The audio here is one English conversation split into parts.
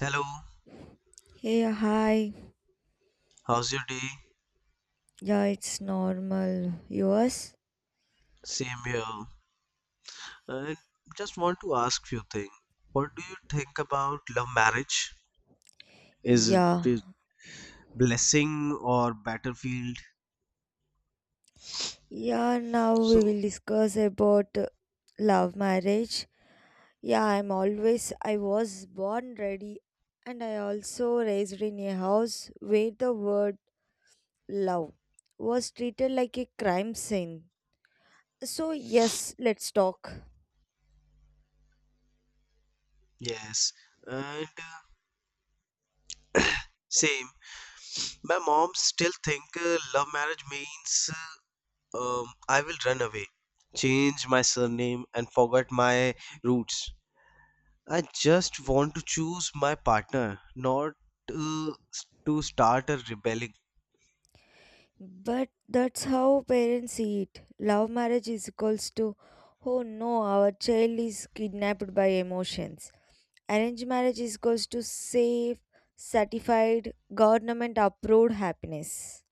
Hello, Hey, hi. how's your day? Yeah, it's normal. Yours? Same here. I just want to ask few things. What do you think about love marriage? Is Yeah. it blessing or battlefield? Yeah, now we So, will discuss about love marriage. I was born ready, and I also raised in a house where the word love was treated like a crime scene. So, yes, let's talk. yes. And same. My mom still think love marriage means I will run away, change my surname and forget my roots. I just want to choose my partner, not to start a rebelling. But that's how parents see it. Love marriage is equals to, oh no, our child is kidnapped by emotions. Arranged marriage is goes to safe, certified, government approved happiness.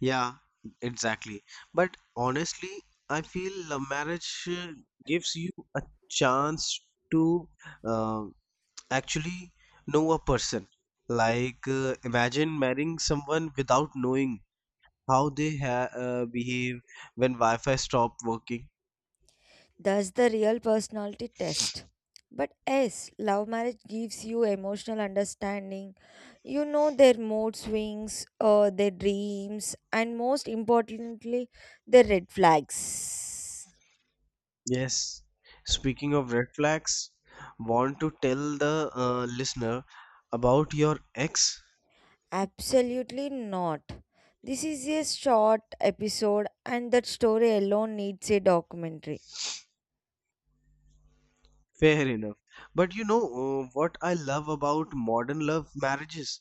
Yeah, exactly. But honestly, I feel love marriage gives you a chance to uh, actually know a person. Like, imagine marrying someone without knowing how they ha behave when Wi-Fi stopped working. That's the real personality test. But yes, love marriage gives you emotional understanding. You know their mood swings, their dreams, and most importantly, their red flags. Yes. Speaking of red flags, want to tell the listener about your ex? Absolutely not. This is a short episode, and that story alone needs a documentary. Fair enough. But you know what I love about modern love marriages?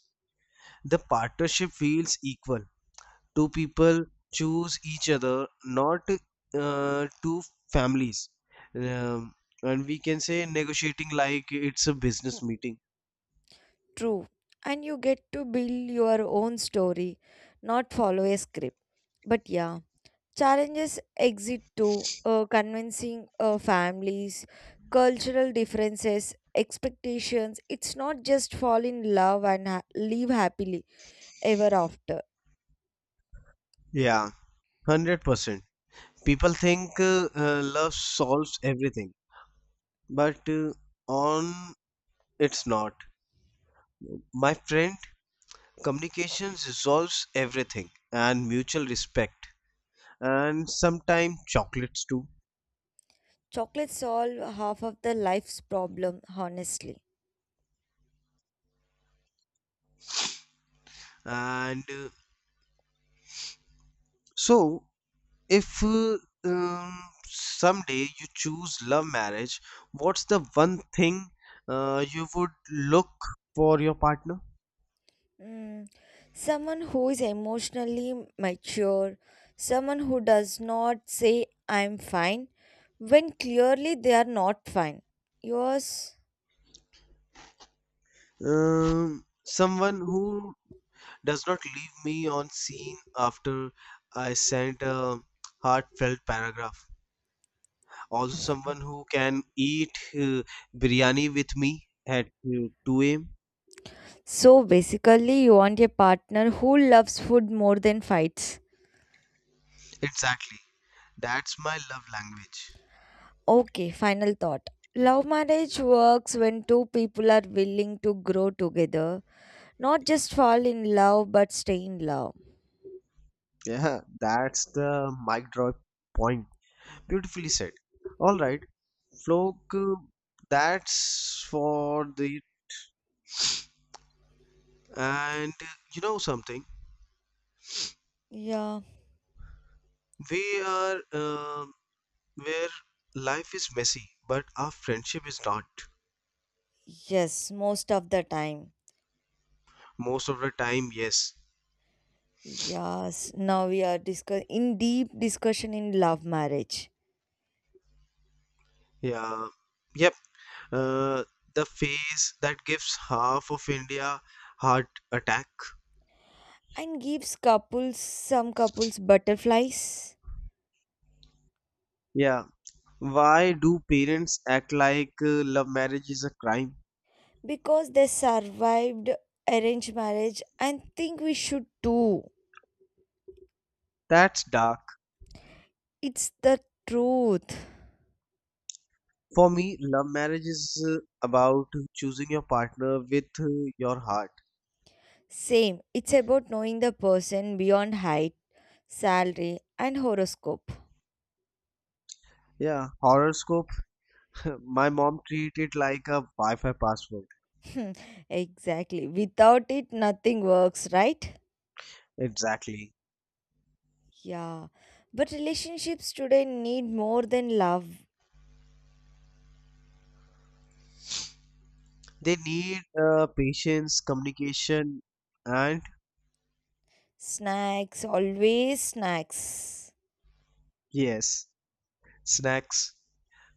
The partnership feels equal. Two people choose each other, not two families. Um, and we can say negotiating like it's a business meeting. True. And you get to build your own story, not follow a script. But yeah, challenges exit too. Convincing families, cultural differences, expectations. It's not just fall in love and live happily ever after. Yeah, 100%. People think love solves everything, but on it's not. My friend, communication resolves everything and mutual respect, and sometimes chocolates too. Chocolates solve half of the life's problem, honestly. And so if um, someday you choose love marriage, what's the one thing you would look for your partner? Mm, someone who is emotionally mature, someone who does not say, I'm fine, when clearly they are not fine. Yours. Someone who does not leave me on scene after I sent a heartfelt paragraph, also someone who can eat uh, biryani with me at 2 a.m. So basically, you want a partner who loves food more than fights. Exactly, that's my love language. Okay, final thought. Love marriage works when two people are willing to grow together, not just fall in love but stay in love. Yeah, that's the mic drop point. Beautifully said. All right, Flock, that's for the. And you know something? Yeah, We are where life is messy, but our friendship is not. yes, most of the time. Most of the time, yes. Yes, now we are discuss in deep discussion in love marriage, Yeah. Yep. Uh, the phase that gives half of India heart attack. and gives couples some couples butterflies Yeah. Why do parents act like love marriage is a crime? because they survived arranged marriage and think we should too. That's dark. It's the truth. For me, love marriage is about choosing your partner with your heart. Same. It's about knowing the person beyond height, salary and horoscope. Yeah, horoscope. My mom treat it like a Wi-Fi password. Hmm, exactly. Without it nothing works, right? Exactly. Yeah. But relationships today need more than love. They need patience, communication, and Snacks, always snacks. yes, snacks.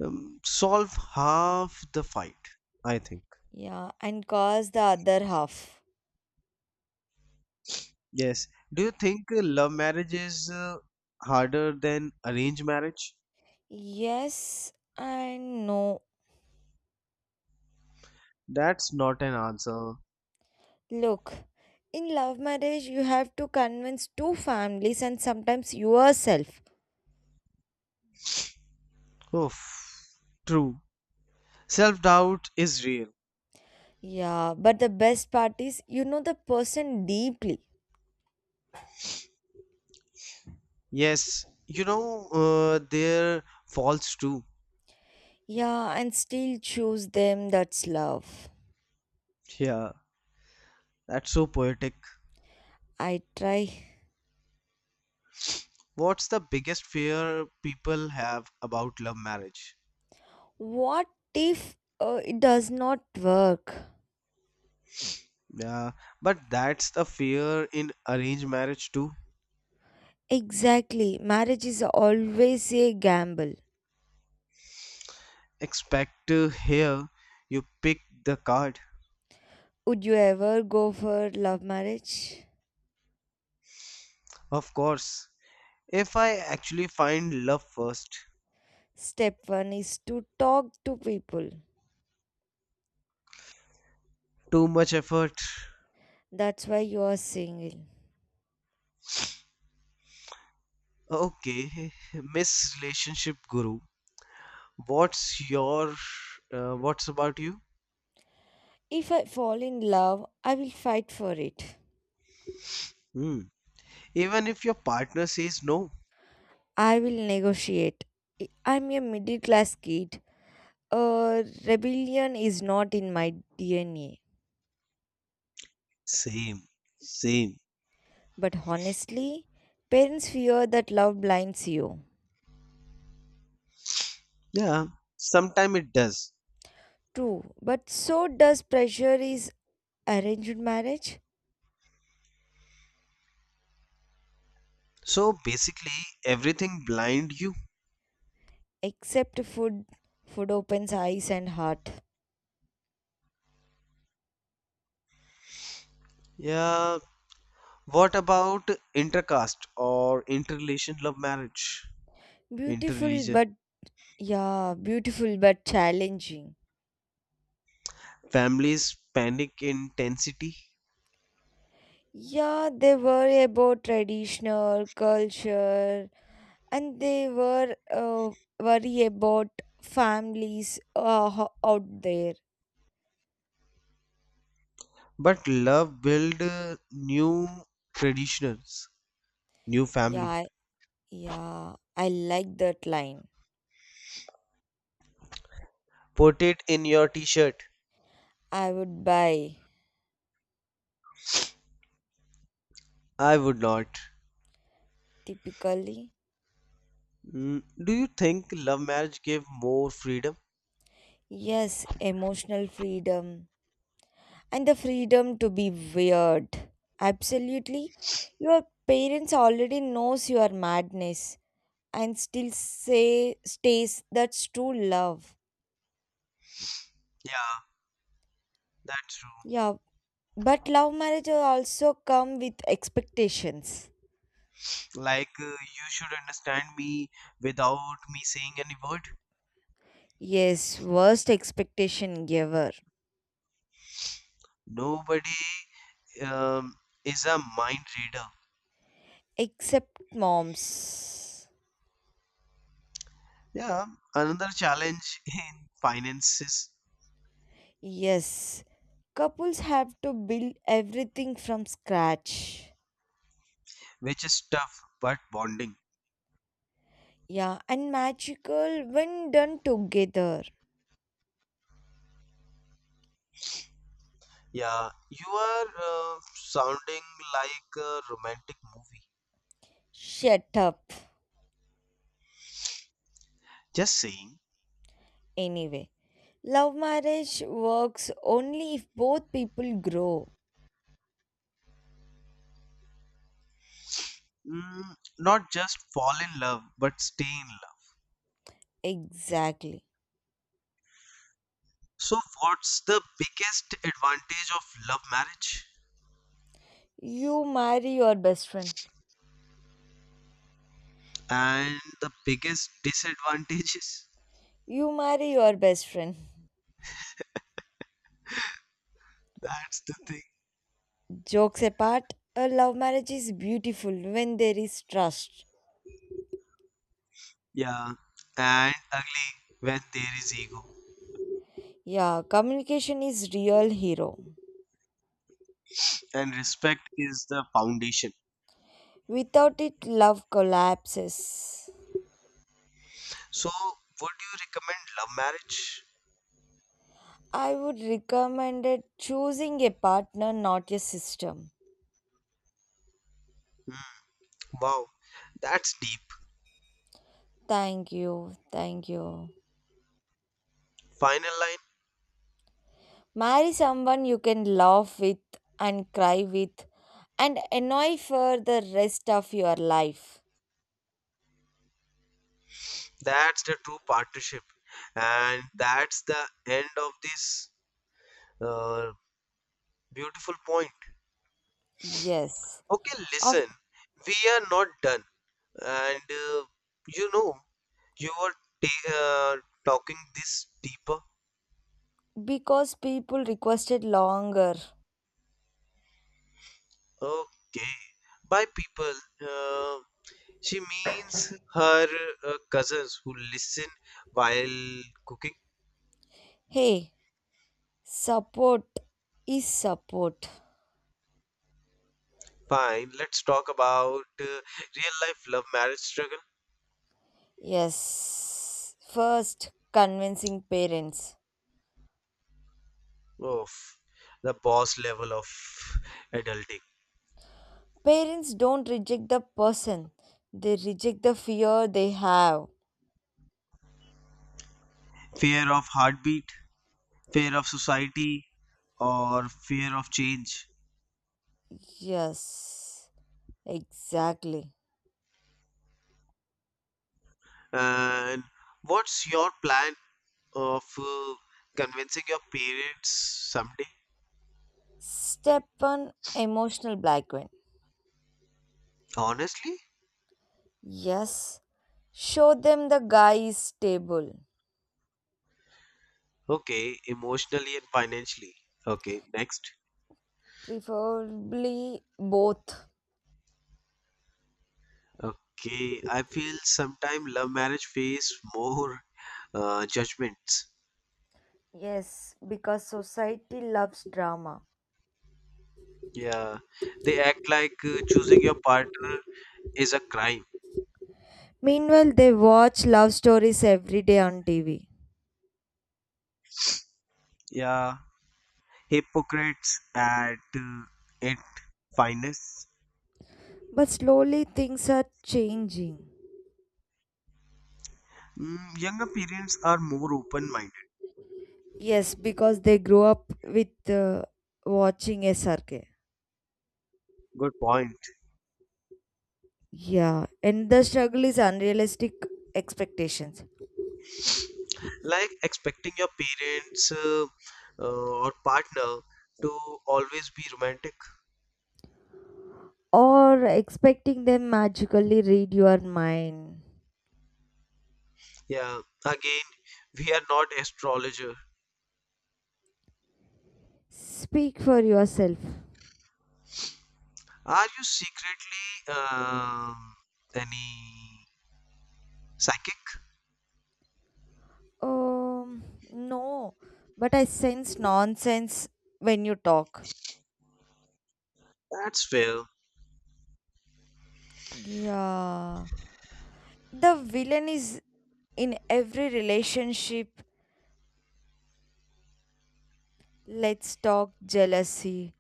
Solve half the fight, I think. Yeah, and cause the other half. Yes. Do you think love marriage is harder than arranged marriage? Yes and no. That's not an answer. Look, in love marriage, you have to convince two families and sometimes yourself. Oof. True. Self doubt is real. Yeah, but the best part is you know the person deeply. Yes, you know, they're false too. Yeah, and still choose them. That's love. Yeah, that's so poetic. I try. What's the biggest fear people have about love marriage? What if it does not work? Yeah, but that's the fear in arranged marriage too. Exactly. Marriage is always a gamble. Expect here you pick the card. Would you ever go for love marriage? Of course, if I actually find love first, Step one is to talk to people. too much effort. That's why you are single. Okay, Miss Relationship Guru, what's your, what's about you? If I fall in love, I will fight for it. Hmm. Even if your partner says no, I will negotiate. I- I'm a middle class kid. Uh, Rebellion is not in my DNA. same, same. But honestly, parents fear that love blinds you. Yeah, sometime it does. True, but so does pressure is arranged marriage. So basically, everything blind you. Except food, food opens eyes and heart. Yeah, what about intercaste or interrelation love marriage? Beautiful, Interreligion. but Yeah, beautiful but challenging. Families panic intensity, Yeah, they were about traditional culture, and they were worry about families out there. but love build new traditions, new family. Yeah, yeah, I like that line. Put it in your t-shirt. I would buy I would not. typically. Mm, do you think love marriage gave more freedom? Yes, emotional freedom and the freedom to be weird. Absolutely, your parents already knows your madness and still say stays, that's true love. Yeah. That's true. Yeah, but love marriage will also come with expectations. Like, you should understand me without me saying any word. Yes, worst expectation giver, Nobody um, is a mind reader. except moms. Yeah, another challenge in finances, Yes, couples have to build everything from scratch. which is tough but bonding. Yeah, and magical when done together. Yeah, you are sounding like a romantic movie. Shut up, Just saying, anyway, love marriage works only if both people grow. mm, not just fall in love, but stay in love. Exactly. So, what's the biggest advantage of love marriage? You marry your best friend. And the biggest disadvantage is You marry your best friend. that's the thing. Jokes apart, a love marriage is beautiful when there is trust. Yeah. And ugly when there is ego. Yeah, communication is real hero. And respect is the foundation. Without it, love collapses. So, would you recommend love marriage? I would recommend it choosing a partner, not a system. Hmm, wow, that's deep. Thank you, thank you. Final line. Marry someone you can laugh with and cry with and annoy for the rest of your life. That's the true partnership. And that's the end of this uh, beautiful point. Yes. Okay, listen, we are not done. And you know, you're ta- uh, talking this deeper? Because people requested longer. Okay. By people, uh, she means her cousins who listen while cooking. Hey, support is support. Fine, let's talk about real life love marriage struggle. Yes. First, convincing parents. Of the boss level of adulting. Parents don't reject the person, they reject the fear they have. Fear of heartbeat, fear of society, or fear of change. Yes, exactly. And what's your plan of convincing your parents someday? Step on emotional blackmail. Honestly? Yes, show them the guy is stable, Okay, emotionally and financially. Okay, next. preferably both. Okay, I feel sometime love marriage face more judgments. Yes, because society loves drama. Yeah, they act like choosing your partner is a crime. Meanwhile, they watch love stories every day on TV. Yeah, hypocrites at its finest. But slowly things are changing. Mm, younger parents are more open minded. Yes, because they grow up with watching SRK. Good point. Yeah, and the struggle is unrealistic expectations, Like expecting your parents or partner to always be romantic. or expecting them magically read your mind. Yeah, again, we are not astrologer. Speak for yourself. Are you secretly any psychic? Um, no, but I sense nonsense when you talk. That's fair, Yeah. The villain is in every relationship. Let's talk jealousy.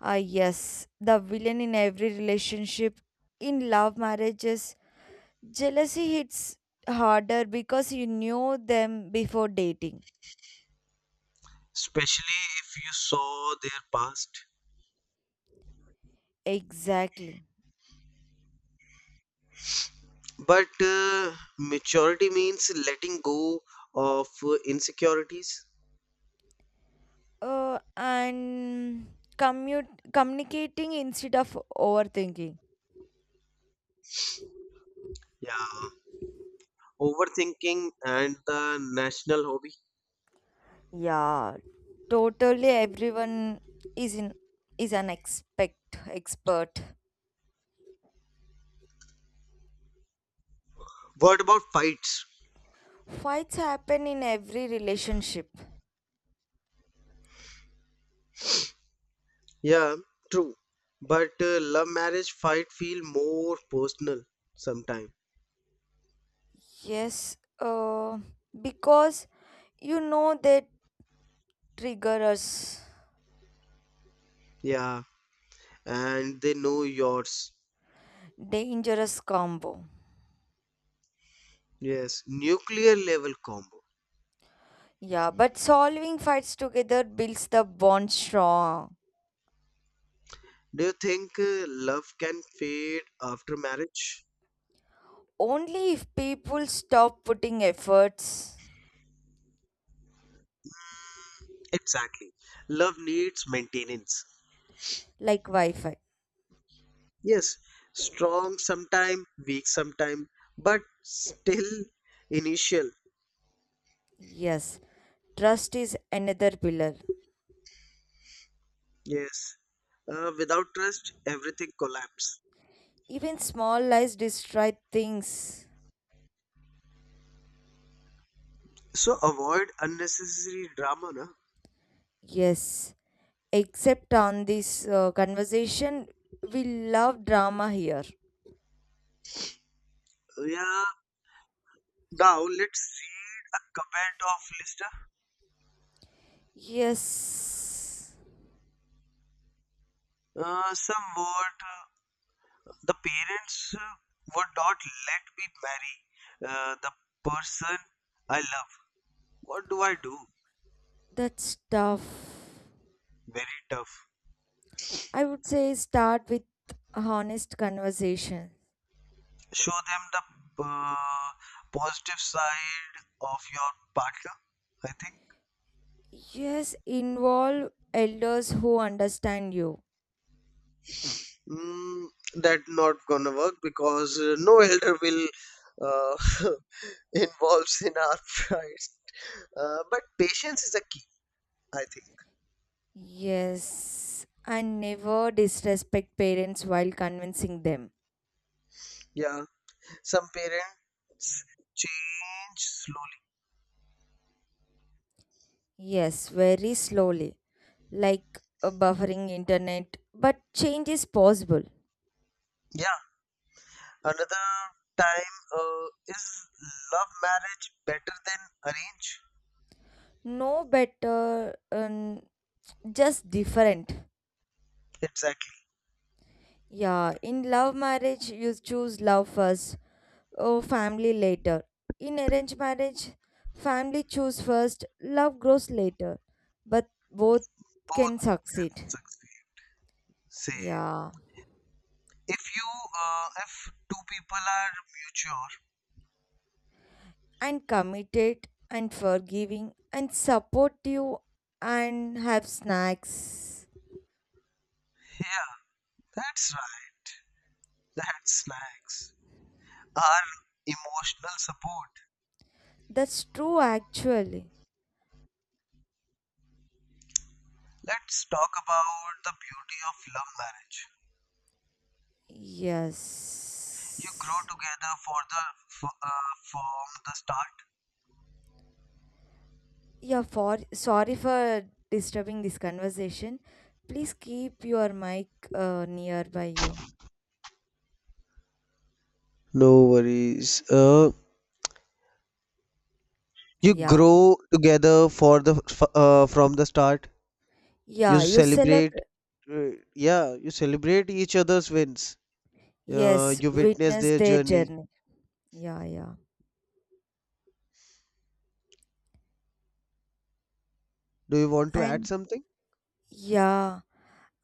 Ah, yes. The villain in every relationship, in love marriages, jealousy hits harder because you knew them before dating. especially if you saw their past. Exactly. But maturity means letting go of insecurities. And commute, communicating instead of overthinking. Yeah, overthinking and the national hobby. Yeah, totally everyone is in is an expect expert. What about fights? Fights happen in every relationship. Yeah, true. But love marriage fight feel more personal sometime. Yes, because you know they trigger us. Yeah, and they know yours. Dangerous combo. Yes, nuclear level combo. Yeah, but solving fights together builds the bond strong. Do you think love can fade after marriage? Only if people stop putting efforts, Exactly. Love needs maintenance. like Wi Fi. Yes, strong sometime, weak sometime, but still initial. Yes, trust is another pillar. Yes. Without trust, everything collapse. Even small lies destroy things. So avoid unnecessary drama, na? Yes, except on this conversation, we love drama here. Yeah, now let's see a comment of listener. Yes, Uh, somewhat, uh, the parents would not let me marry the person I love. What do I do? that's tough. Very tough. I would say start with honest conversation. Show them the positive side of your partner, I think. Yes, involve elders who understand you. Mm, that not gonna work because no elder will uh, involves in our fights. But patience is a key, I think. Yes, and never disrespect parents while convincing them. Yeah. Some parents change slowly. Yes, very slowly, like a buffering internet, but change is possible. Yeah. Another time is love marriage better than arrange? No better, just different. Exactly. Yeah, in love marriage, you choose love first, or family later. In arranged marriage, family choose first, love grows later. But both Both can can succeed. succeed. Say Yeah, if you if two people are mature, and committed, and forgiving, and supportive, and have snacks. yeah, that's right. That's nice. Our emotional support. That's true, actually. Let's talk about the beauty of love marriage. You grow Yes. together for the f- uh, from the start. Yeah, for sorry for disturbing this conversation. Please keep your mic nearby you. No worries. Uh, you Yeah. grow together for the f- uh, from the start. You Yeah, you celebrate. celebrate. Uh, yeah, you celebrate each other's wins. Yes, You witness witness their their journey. journey. Yeah, yeah. Do you want to add And something? yeah,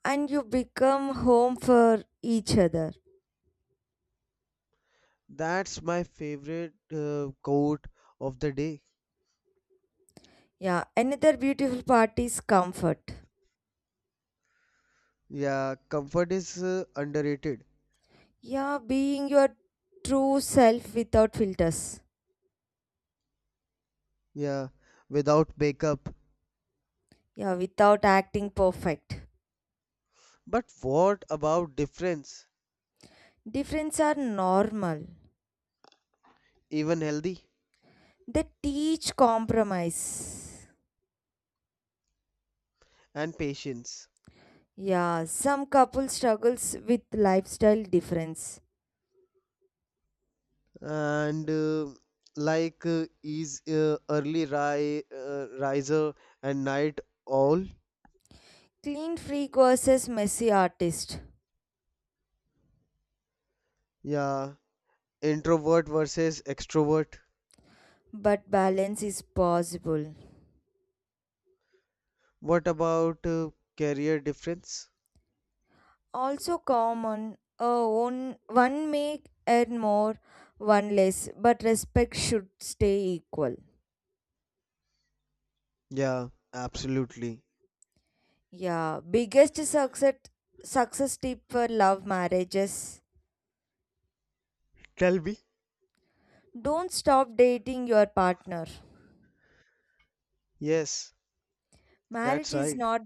and you become home for each other. That's my favorite quote of the day. Yeah, another beautiful part is comfort. Yeah, comfort is underrated. Yeah, being your true self without filters. Yeah, without makeup. Yeah, without acting perfect. But what about difference? Difference are normal. Even healthy? They teach compromise. And patience Yeah, some couple struggles with lifestyle difference. and like is early riser and night owl. Clean freak versus messy artist. Yeah, introvert versus extrovert. But balance is possible. What about career difference? Also common, one may earn more, one less, but respect should stay equal. Yeah, absolutely. Yeah, biggest success tip for love marriages. Tell me. Don't stop dating your partner. Yes, Marriage that's is right. not,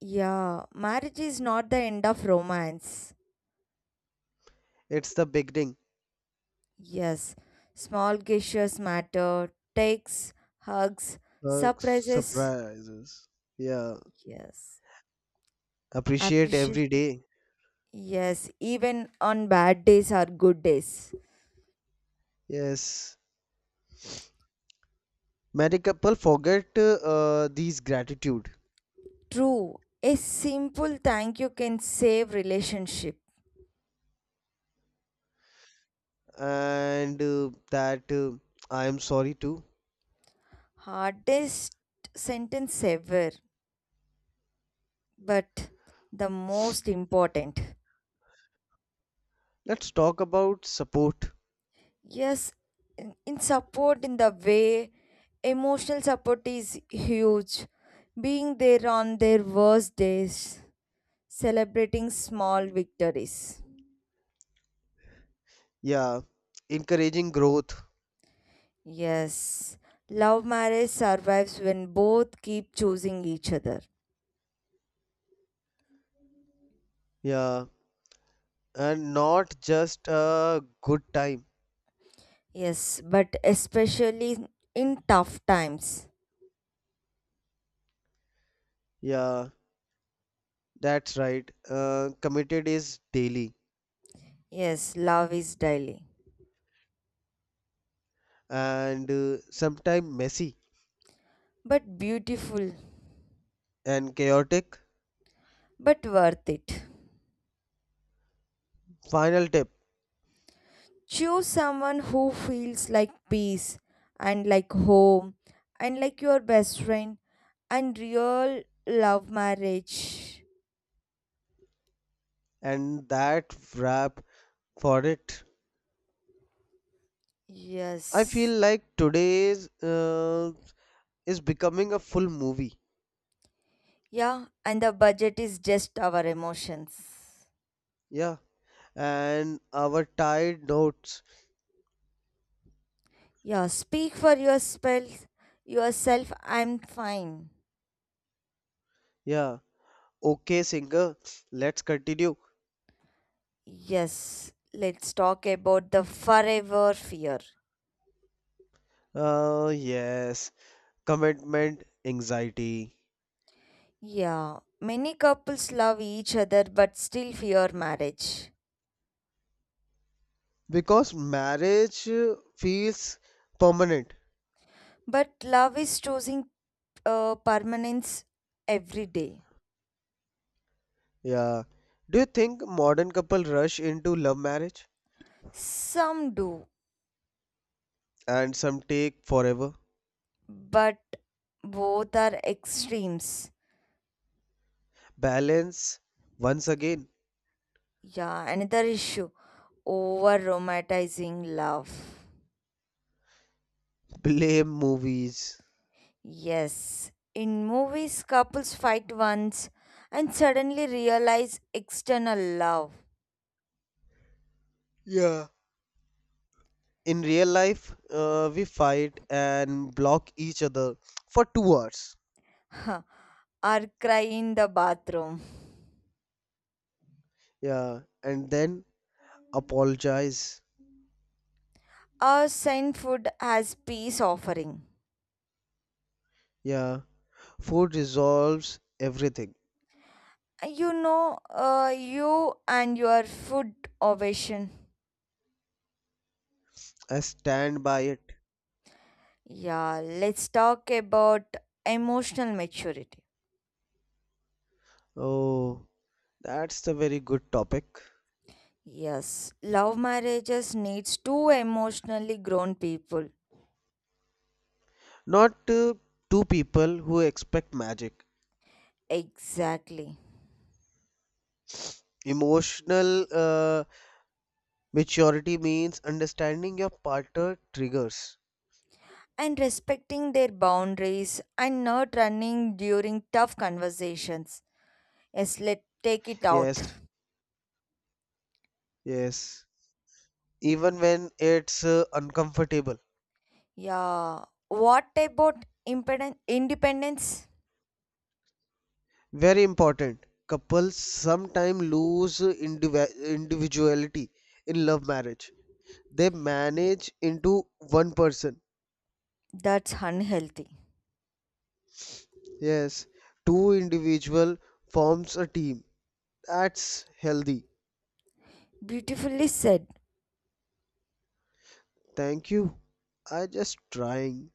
yeah, marriage is not the end of romance. It's the beginning. Yes, small gestures matter. Texts, hugs, Bugs, surprises, surprises, yeah, yes, appreciate every appreciation, day. yes, even on bad days are good days. Yes, many couple forget these gratitude. True, a simple thank you can save relationship. And that I am sorry too. Hardest sentence ever, but the most important. Let's talk about support. Yes, in support in the way emotional support is huge. Being there on their worst days, celebrating small victories. Yeah, encouraging growth. Yes, love marriage survives when both keep choosing each other. Yeah, and not just a good time. Yes, but especially in tough times. Yeah, that's right. Committed is daily, Yes, love is daily, and sometimes messy but beautiful, and chaotic. but worth it. Final tip, Choose someone who feels like peace, and like home, and like your best friend, and real love marriage. and that wrap for it. I feel Yes. like today's is becoming a full movie. Yeah, and the budget is just our emotions. Yeah, and our tired notes. Yeah, speak for yourself. Yourself, I'm fine. Yeah. Okay, singer. Let's continue. Yes, let's talk about the forever fear. Yes. Commitment anxiety. Yeah, many couples love each other but still fear marriage. Because marriage feels permanent. But love is choosing permanence every day. Yeah. Do you think modern couple rush into love marriage? Some do, And some take forever. but both are extremes. Balance. Once again, Yeah, another issue over romanticizing love. blame movies. Yes, in movies, couples fight once and suddenly realize external love. Yeah. In real life, we fight and block each other for 2 hours. Huh, or cry in the bathroom. Yeah. And then apologize. Or send food as peace offering. Yeah, food resolves everything. You know, you and your food ovation. I stand by it. Yeah, let's talk about emotional maturity. Oh, that's a very good topic. Yes, love marriages needs two emotionally grown people. Not two people who expect magic. Exactly. Emotional maturity means understanding your partner triggers. And respecting their boundaries and not running during tough conversations. Yes, let's take it out. Yes, yes. Even when it's uncomfortable. Yeah, what about independence? Very important. Couples sometimes lose individuality in love marriage. They Yeah, manage into one person. that's unhealthy. Yes, two individual forms a team. That's healthy. Beautifully said. Thank you. I just trying.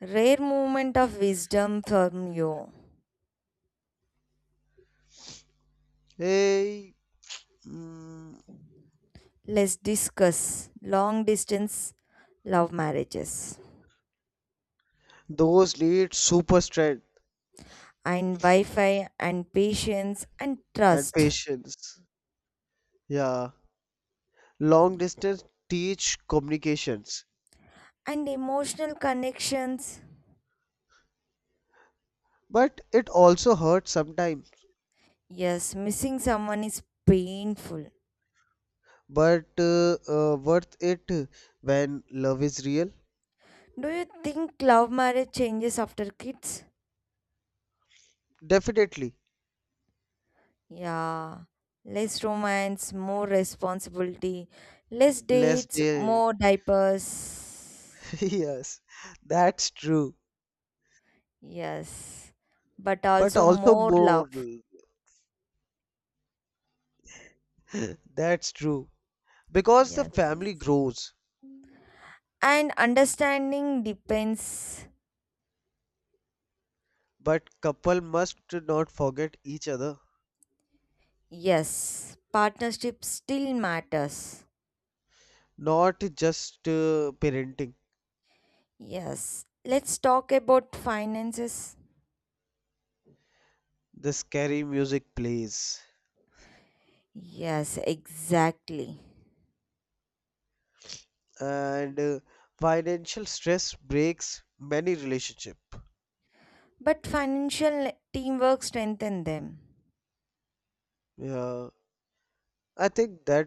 Rare moment of wisdom from you. Hey, mm, Let's discuss long distance love marriages those need super strength and Wi Fi and patience and and trust patience. Yeah, long distance teach communications, and emotional connections. but it also hurts sometimes. Yes, missing someone is painful. But worth it when love is real. Do you think love marriage changes after kids? Definitely Yeah. Less romance, more responsibility, less less dates, day. more diapers. Yes, that's true. Yes. But But also also more more love. that's true. Because the Yes, family yes. grows, And understanding depends. but couple must not forget each other. Yes, partnership still matters. Not just parenting. Yes, let's talk about finances. The scary music plays, Yes, exactly. and financial stress breaks many relationship. But financial teamwork strengthen them. Yeah, I think that.